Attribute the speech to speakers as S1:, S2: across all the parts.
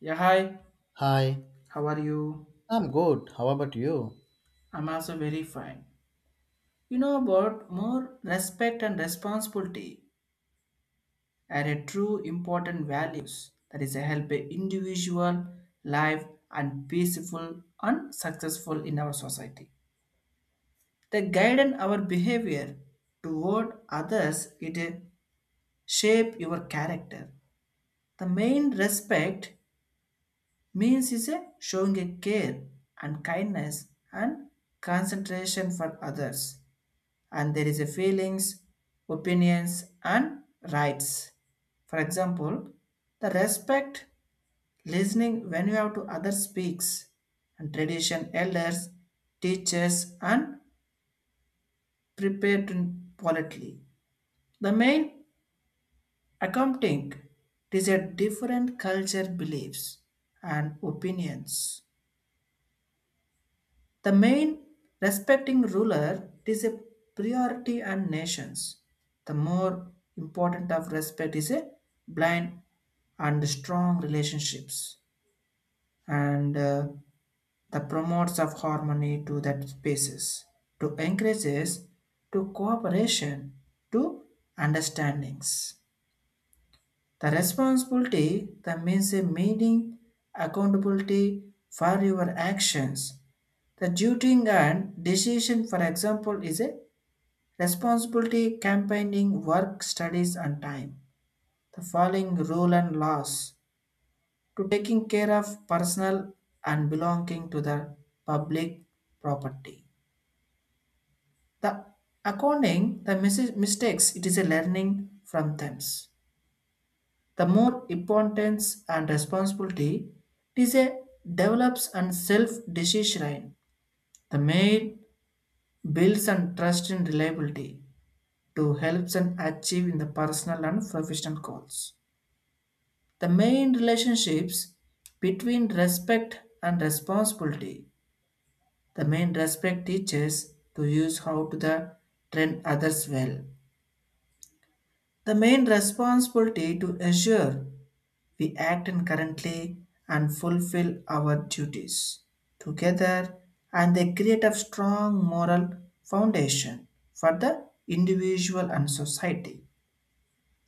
S1: Yeah, hi.
S2: Hi,
S1: How are you?
S2: I'm good. How about you?
S1: I'm also very fine. You know about more respect and responsibility are a true important values that is a help a individual life and peaceful and successful in our society. They guide in our behavior toward others. It shape your character. The main respect means is a showing a care and kindness and concentration for others and there is a feelings, opinions, and rights. For example, the respect, listening when you have to other speaks, and tradition elders, teachers, and prepared politely. The main accounting is a different culture beliefs and opinions. The main respecting ruler is a priority and nations. The more important of respect is a blind and strong relationships and the promotes of harmony to that spaces to encourages to cooperation to understandings. The responsibility that means a meaning accountability for your actions. The duty and decision, for example, is a responsibility campaigning work, studies, and time. The following rule and laws to taking care of personal and belonging to the public property. The accounting, the mistakes, it is a learning from them. The more importance and responsibility it is a develops and self decision. The main builds and trust in reliability to helps and achieve in the personal and professional goals. The main relationships between respect and responsibility. The main respect teaches to use how to the train others well. The main responsibility to assure we act currently and fulfill our duties together, and they create a strong moral foundation for the individual and society.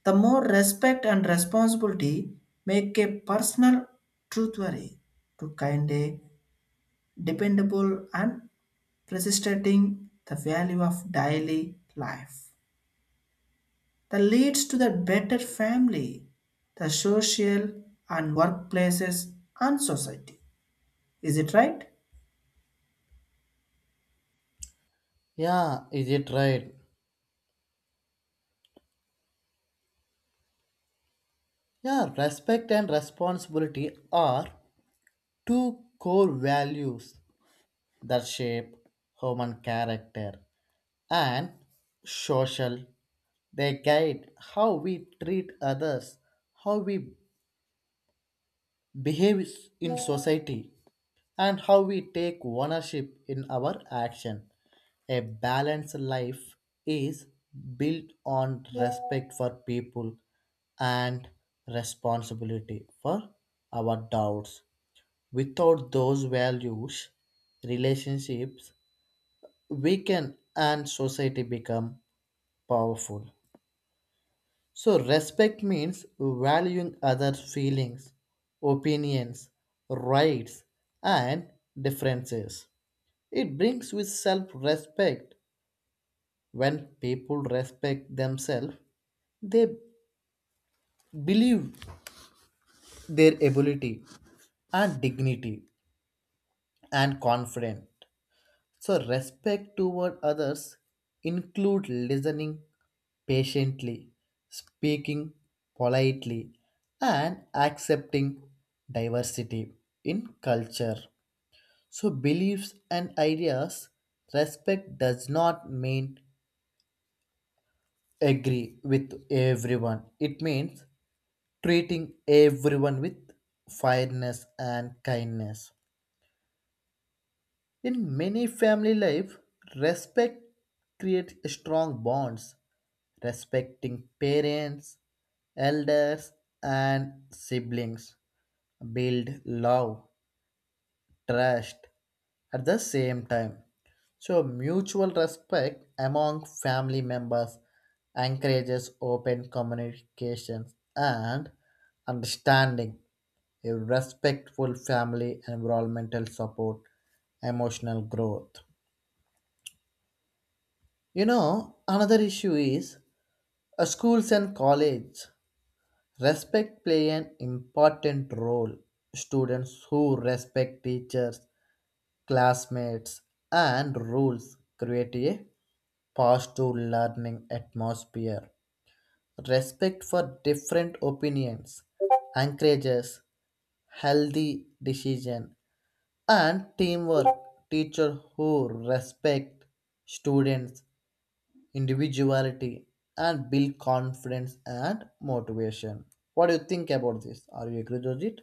S1: The more respect and responsibility make a personal truthworthy to kind a dependable and persisting the value of daily life that leads to the better family, the social and workplaces and society. Is it right?
S2: Yeah, is it right? Yeah, respect and responsibility are two core values that shape human character and social. They guide how we treat others, how we behave in society, and how we take ownership in our action. A balanced life is built on respect for people and responsibility for our doubts. Without those values, relationships weaken and society become powerful. So respect means valuing others' feelings, opinions, rights, and differences. It brings with self respect. When people respect themselves, they believe their ability and dignity and confident. So respect toward others include listening patiently, speaking politely, and accepting diversity in culture. So beliefs and ideas respect does not mean agree with everyone. It means treating everyone with fairness and kindness. In many family life, respect creates strong bonds. Respecting parents, elders, and siblings build love, trust, at the same time. So mutual respect among family members encourages open communications and understanding. A respectful family environmental support emotional growth. You know, another issue is schools and college. Respect play an important role. Students who respect teachers, classmates, and rules create a positive learning atmosphere, respect for different opinions, encourages healthy decision and teamwork. Teacher who respect students' individuality and build confidence and motivation. What do you think about this? Are you agree with it?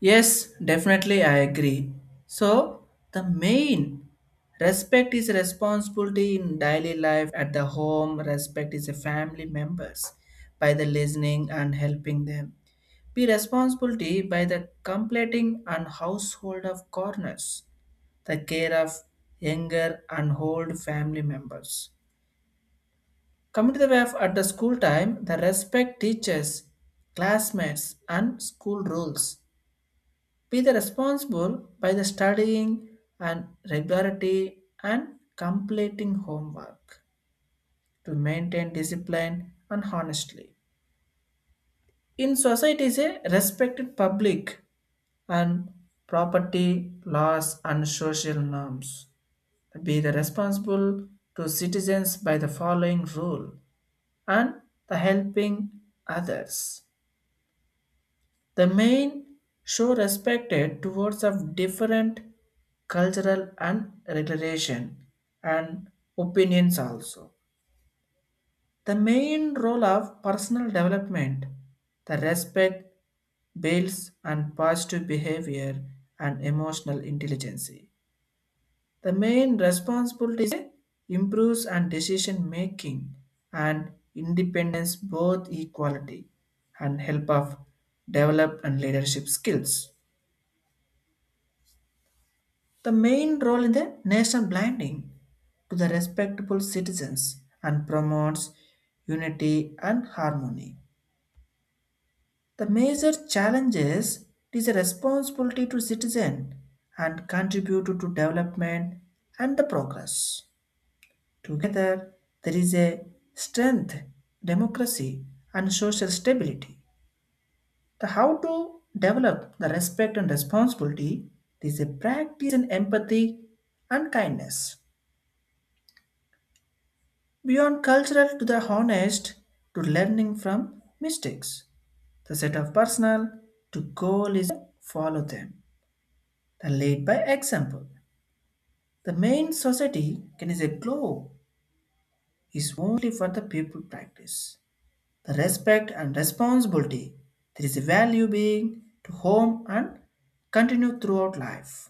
S1: Yes, definitely, I agree. So, the main respect is responsibility in daily life at the home, respect is a family members by the listening and helping them. Be responsibility by the completing and household of corners, the care of younger and old family members. Coming to the way of at the school time, the respect teachers, classmates, and school rules be the responsible by the studying and regularity and completing homework to maintain discipline and honestly. In society is a respected public and property laws and social norms. Be the responsible to citizens by the following rule and the helping others. The main show respected towards of different cultural and regulation and opinions also. The main role of personal development, the respect builds and positive behavior and emotional intelligence. The main responsibility is improves and decision making and independence both equality and help of develop and leadership skills. The main role in the nation blinding to the respectable citizens and promotes unity and harmony. The major challenges is a responsibility to citizen and contribute to development and the progress. Together, there is a strength, democracy, and social stability. The how to develop the respect and responsibility is a practice in empathy and kindness. Beyond cultural to the honest to learning from mistakes. The set of personal to goal is follow them. The lead by example. The main society can is a globe is only for the people practice. The respect and responsibility. There is a value being to home and continue throughout life.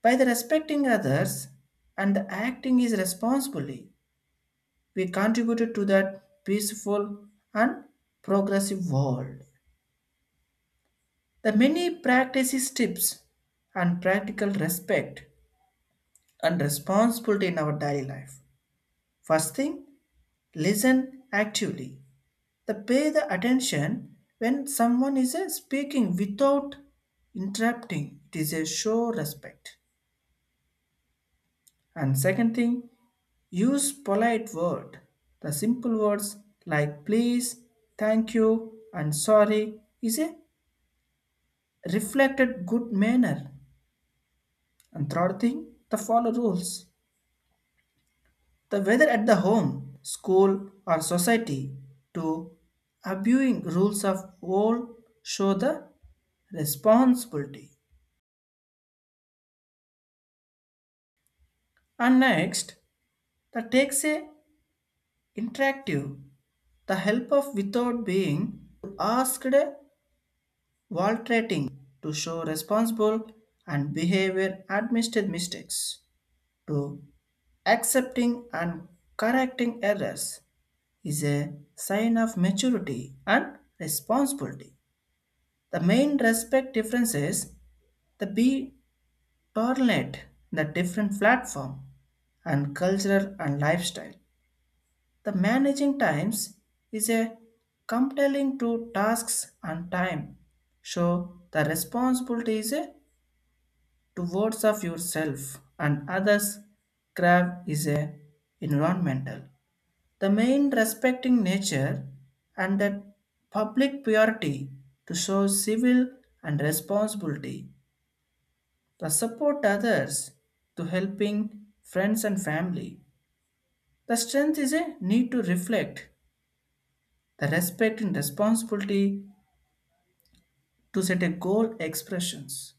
S1: By the respecting others and the acting is responsibly, we contributed to that peaceful and progressive world. The many practices, tips, and practical respect and responsibility in our daily life. First thing, listen actively. The pay the attention when someone is speaking without interrupting. It is a show respect. And second thing, use polite word. The simple words like please, thank you, and sorry is a reflected good manner. And third thing, the follow rules. The whether at the home, school, or society, to abusing rules of all show the responsibility. And next, the takes a interactive, the help of without being asked valtrating to show responsible and behavior admitted mistakes to accepting and correcting errors is a sign of maturity and responsibility. The main respect difference is the be tolerant, the different platform and cultural and lifestyle. The managing times is a compelling to tasks and time. So the responsibility is a towards of yourself and others. Crab is a environmental. The main respecting nature and the public purity to show civil and responsibility, the support others to helping friends and family. The strength is a need to reflect the respect and responsibility to set a goal expressions.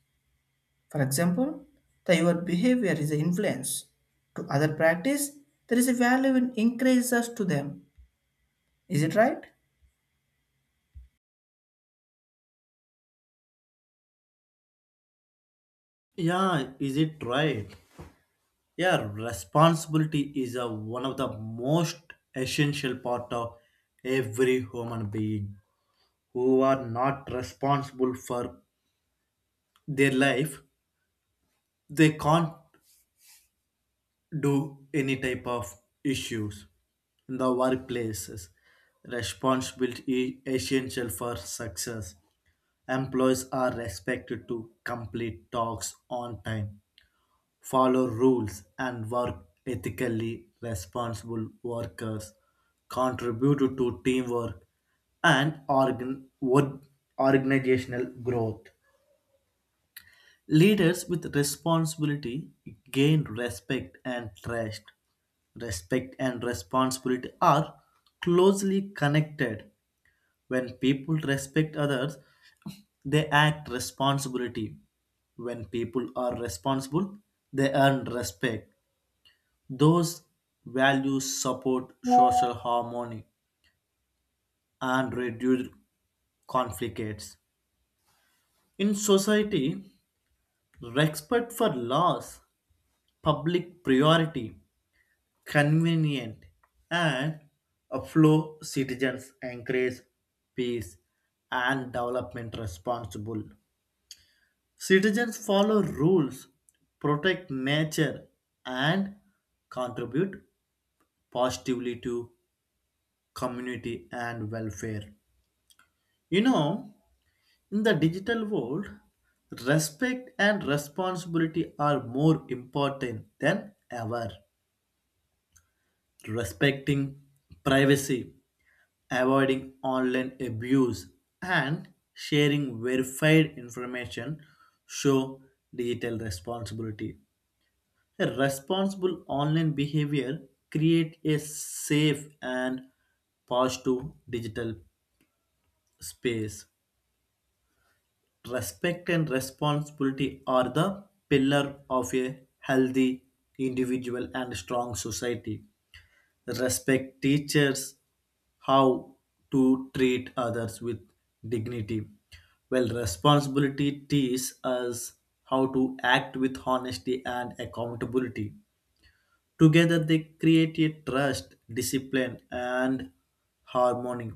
S1: For example, that your behavior is an influence to other practice, there is a value in increases to them. Is it right?
S2: Yeah, is it right? Yeah, responsibility is a, one of the most essential part of every human being. Who are not responsible for their life they can't do any type of issues in the workplaces responsibility is essential for success. Employees are expected to complete tasks on time, follow rules and work ethically. Responsible workers contribute to teamwork and organizational growth. Leaders with responsibility gain respect and trust. Respect and responsibility are closely connected. When people respect others, they act responsibility. When people are responsible, they earn respect. Those values support social harmony and reduce conflicts. In society, respect for laws, public priority, convenient and flow citizens encourage peace and development. Responsible citizens follow rules, protect nature, and contribute positively to community and welfare. You know, in the digital world respect and responsibility are more important than ever. Respecting privacy, avoiding online abuse, and sharing verified information show digital responsibility. A responsible online behavior create a safe and positive digital space. Respect and responsibility are the pillar of a healthy individual and strong society. Respect teachers how to treat others with dignity, well responsibility teaches us how to act with honesty and accountability. Together they create a trust discipline and harmony.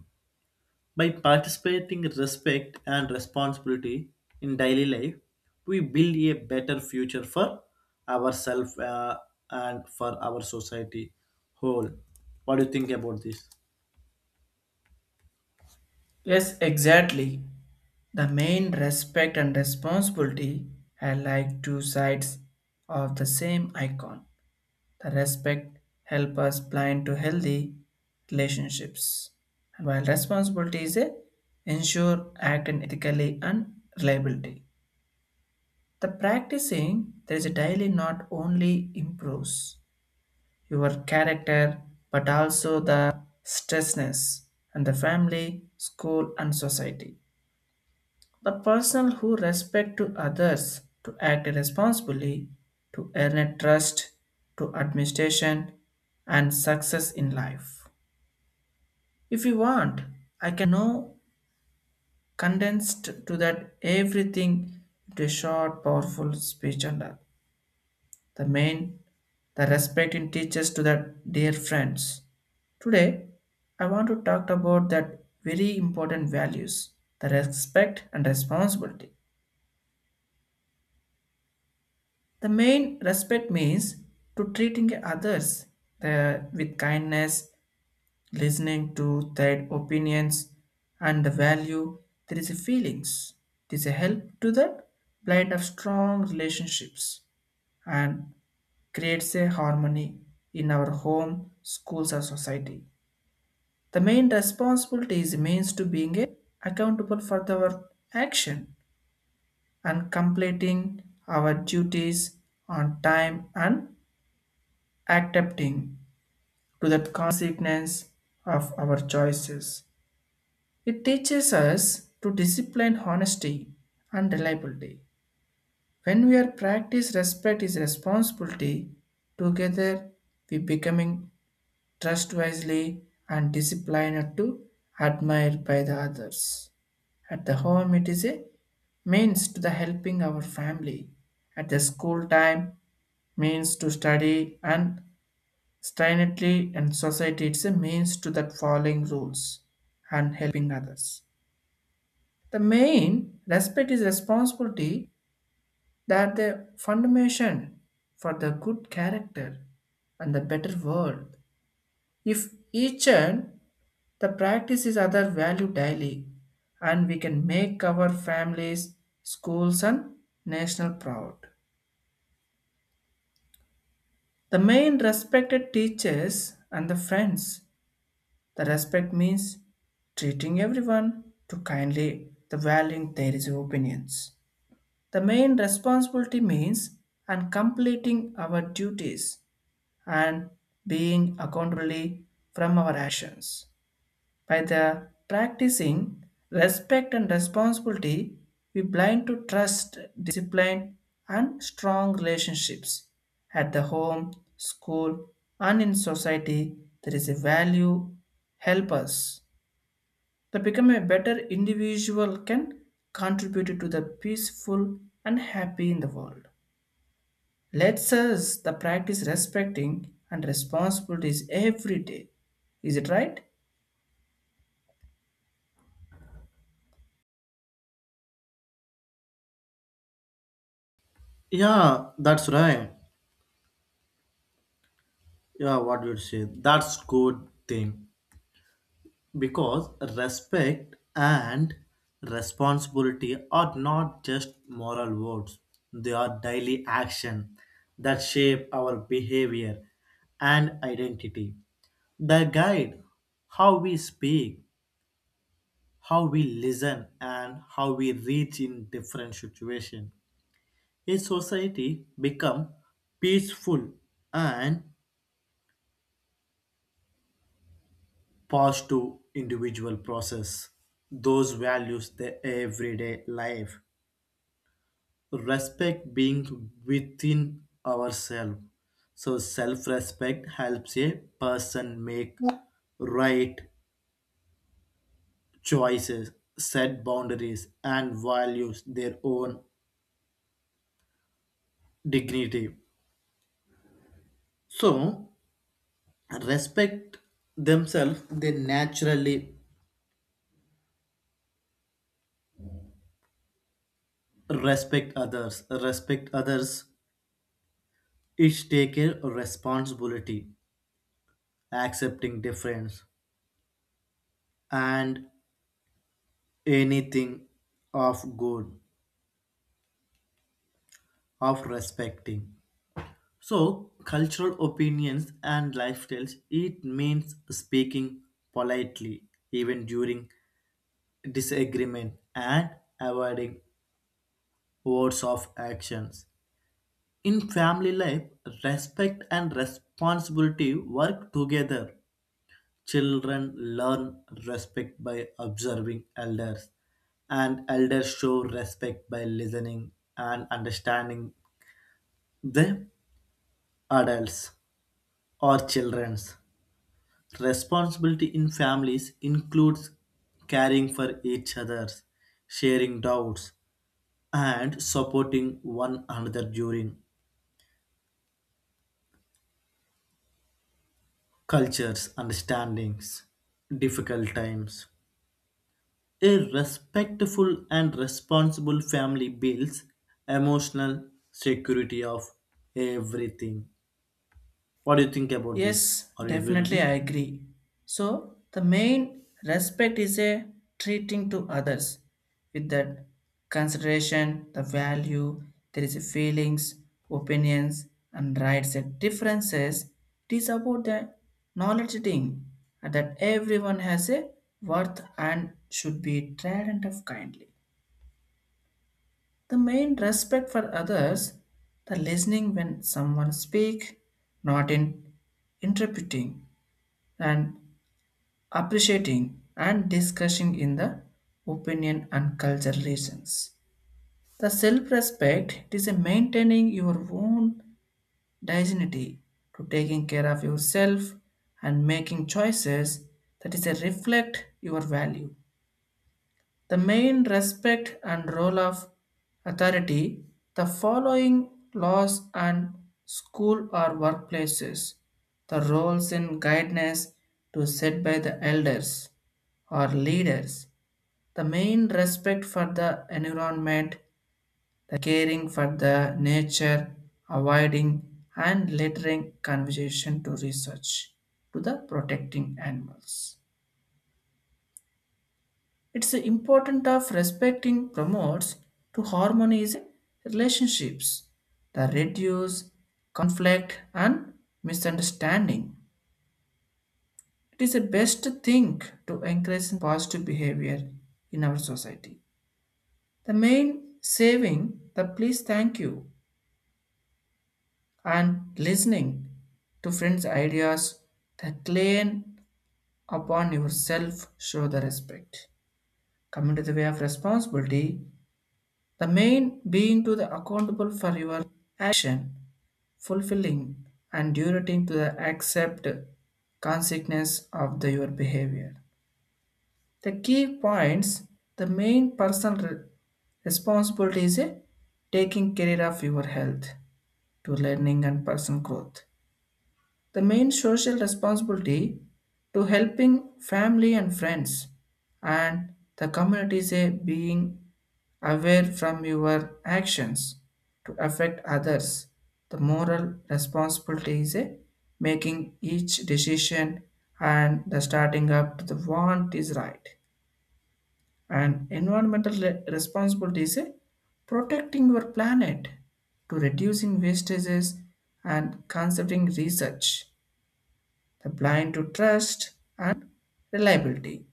S2: By participating with respect and responsibility in daily life, we build a better future for ourselves and for our society whole. What do you think about this?
S1: Yes, exactly. The main respect and responsibility are like two sides of the same icon. The respect help us blind to healthy relationships, and while responsibility is a ensure act and ethically and reliability. The practicing there is a daily not only improves your character but also the stressness and the family, school and society. The person who respect to others to act responsibly, to earn a trust, to administration and success in life. If you want, I can now condensed to that everything into a short, powerful speech under the main the respect in teaches to that dear friends. Today, I want to talk about that very important values, the respect and responsibility. The main respect means to treating others the, with kindness, listening to their opinions, and the value there is a feelings. It is a help to the blind of strong relationships and creates a harmony in our home, schools, or society. The main responsibility is means to being a accountable for our action and completing our duties on time and adapting to the consequence of our choices. It teaches us to discipline honesty and reliability. When we are practice respect is responsibility, together we becoming trust wisely and disciplined to admired by the others. At the home, it is a means to the helping our family. At the school time, means to study and Stanley and society it's a means to that following rules and helping others. The main respect is responsibility that the foundation for the good character and the better world. If each and the practice is other value daily and we can make our families, schools and national proud. The main respected teachers and the friends. The respect means treating everyone to kindly, the valuing their opinions. The main responsibility means and completing our duties and being accountably from our actions. By the practicing respect and responsibility, we blind to trust, discipline, and strong relationships. At the home, school, and in society, there is a value help us the become a better individual can contribute to the peaceful and happy in the world. Let's us the practice respecting and responsibilities every day. Is it right?
S2: Yeah, that's right. Yeah, what you say. That's good thing because respect and responsibility are not just moral words. They are daily action that shape our behavior and identity. They guide how we speak, how we listen, and how we reach in different situations. A society become peaceful and pass to individual process. Those values the everyday life. Respect being within ourselves. So self-respect helps a person make right choices, set boundaries, and values their own dignity. So respect themselves, they naturally respect others. Respect others is taking responsibility, accepting difference, and anything of good, of respecting. So cultural opinions and lifestyles, it means speaking politely even during disagreement and avoiding words of actions. In family life, respect and responsibility work together. Children learn respect by observing elders, and elders show respect by listening and understanding the adults or children's. Responsibility in families includes caring for each other, sharing doubts, and supporting one another during cultures, understandings, difficult times. A respectful and responsible family builds emotional security of everything. What do you think about this?
S1: Yes,
S2: Are you agree with
S1: definitely I
S2: it?
S1: agree. So the main respect is a treating to others with that consideration, the value, there is a feelings, opinions and rights and differences. It is about the knowledge thing and that everyone has a worth and should be treated of kindly. The main respect for others, the listening when someone speak, not in interpreting and appreciating and discussing in the opinion and culture reasons. The self-respect it is a maintaining your own dignity to taking care of yourself and making choices that is a reflect your value. The main respect and role of authority, the following laws and school or workplaces, the roles in guidance to set by the elders or leaders, the main respect for the environment, the caring for the nature, avoiding and littering conversation to research to the protecting animals. It's important of respecting promotes to harmonize relationships, the reduce conflict and misunderstanding. It is the best thing to encourage positive behavior in our society. The main saving the please thank you and listening to friends' ideas, that claim upon yourself show the respect. Coming to the way of responsibility, the main being to the accountable for your action, fulfilling and durating to the accept consequence of the, your behavior. The key points, the main personal responsibility is a taking care of your health to learning and personal growth. The main social responsibility to helping family and friends and the community is a being aware from your actions to affect others. The moral responsibility is a making each decision and the starting up to the want is right. And environmental responsibility is a protecting your planet to reducing wastages and conserving research, the blind to trust and reliability.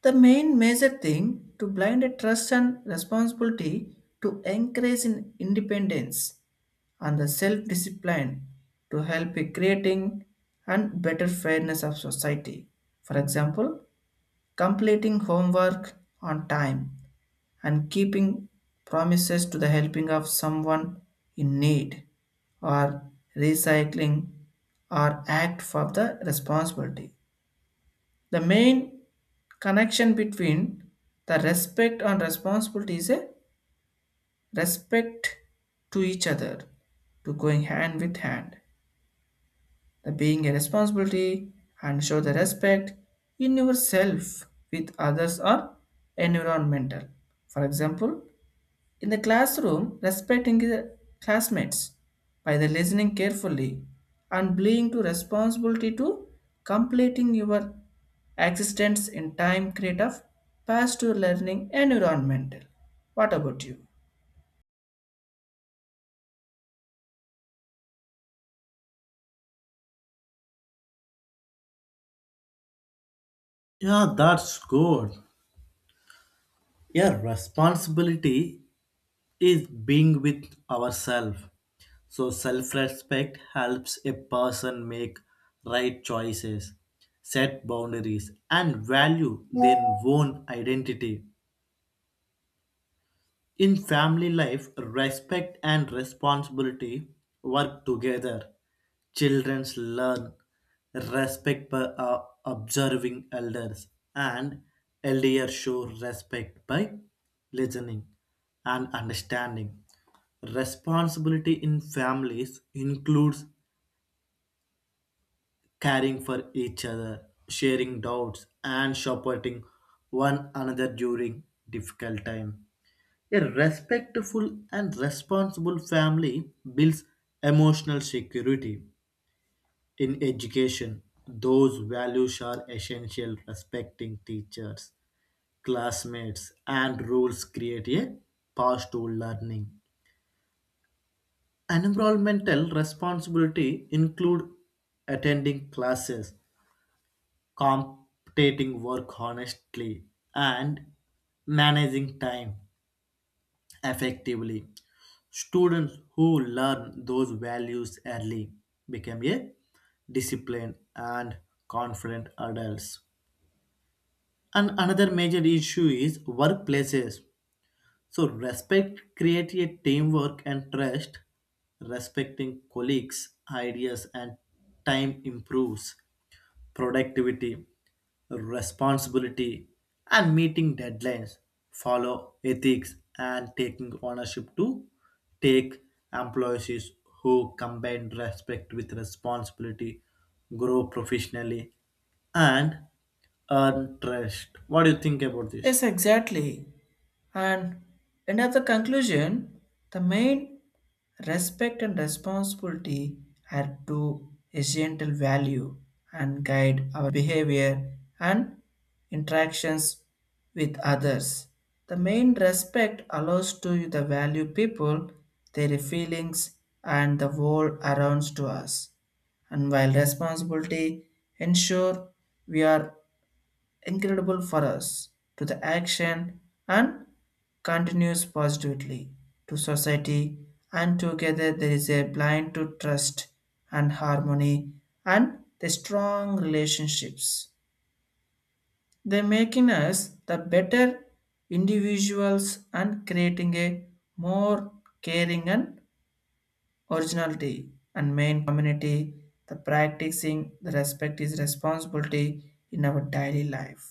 S1: The main major thing to blind a trust and responsibility to encourage in independence and the self-discipline to help in creating and better fairness of society. For example, completing homework on time and keeping promises to the helping of someone in need or recycling or act for the responsibility, the main connection between the respect and responsibility is a respect to each other, to going hand with hand. The being a responsibility and show the respect in yourself with others or environmental. For example, in the classroom, respecting the classmates by the listening carefully and being to responsibility to completing your existence in time create of past to learning environmental. What about you?
S2: Yeah, that's good. Yeah, responsibility is being with ourselves. So self-respect helps a person make right choices, set boundaries, and value their own identity. In family life, respect and responsibility work together. Children learn respect by observing elders, and elders show respect by listening and understanding. Responsibility in families includes caring for each other, sharing doubts, and supporting one another during difficult time. A respectful and responsible family builds emotional security in education. Those values are essential. Respecting teachers, classmates, and rules create a path to learning. Environmental responsibility include attending classes, completing work honestly, and managing time effectively. Students who learn those values early become a disciplined and confident adults. And another major issue is workplaces. So respect creates a teamwork and trust. Respecting colleagues' ideas and time improves productivity, responsibility, and meeting deadlines. Follow ethics and taking ownership to take employees who combine respect with responsibility, grow professionally, and earn trust. What do you think about this?
S1: Yes, exactly. And another conclusion, the main respect and responsibility are two essential value and guide our behavior and interactions with others. The main respect allows to the value people, their feelings and the world around to us. And while responsibility ensure we are incredible for us to the action and continues positively to society and together there is a blind to trust and harmony and the strong relationships they making us the better individuals and creating a more caring and originality and main community the practicing the respect is responsibility in our daily life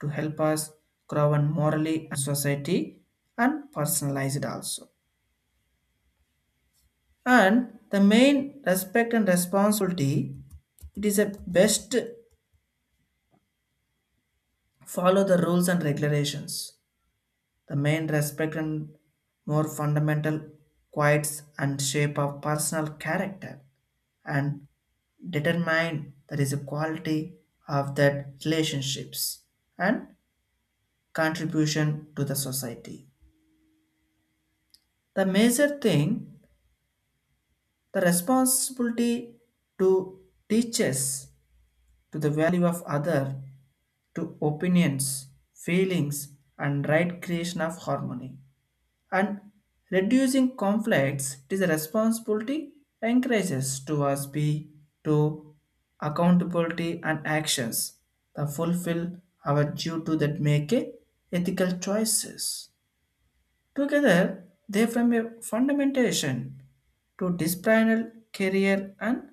S1: to help us grow and morally and society and personalize it also. And the main respect and responsibility, it is a best follow the rules and regulations. The main respect and more fundamental qualities and shape of personal character and determine that is a quality of that relationships and contribution to the society. The major thing, the responsibility to teaches to the value of other, to opinions, feelings, and right creation of harmony. And reducing conflicts it is a responsibility encourages to us be to accountability and actions that fulfill our due to that make a ethical choices. Together, they form a fundamentation to disciplinary career and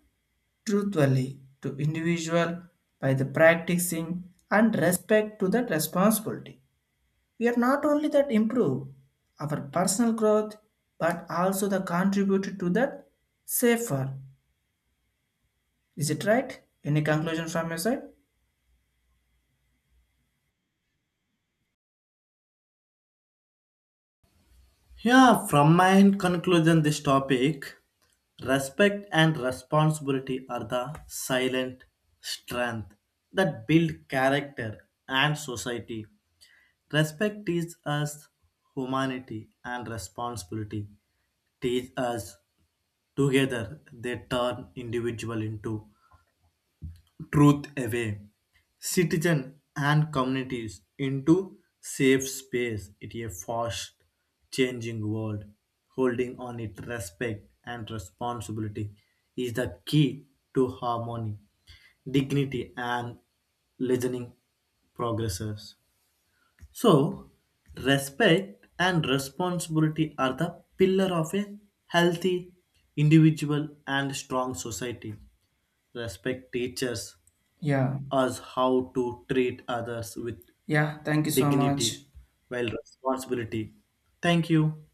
S1: truthfully to individual by the practicing and respect to that responsibility. We are not only that improve our personal growth but also the contribute to that safer. Is it right? Any conclusion from your side?
S2: Yeah, from my end conclusion, this topic respect and responsibility are the silent strength that build character and society. Respect teaches us humanity and responsibility teach us. Together they turn individual into truth away citizen and communities into safe space in a fast changing world. Holding on it respect and responsibility is the key to harmony, dignity, and listening progresses. So respect and responsibility are the pillar of a healthy individual and strong society. Respect teachers
S1: Yeah.
S2: us how to treat others with
S1: Yeah. Thank you so
S2: dignity
S1: much.
S2: while responsibility. Thank you.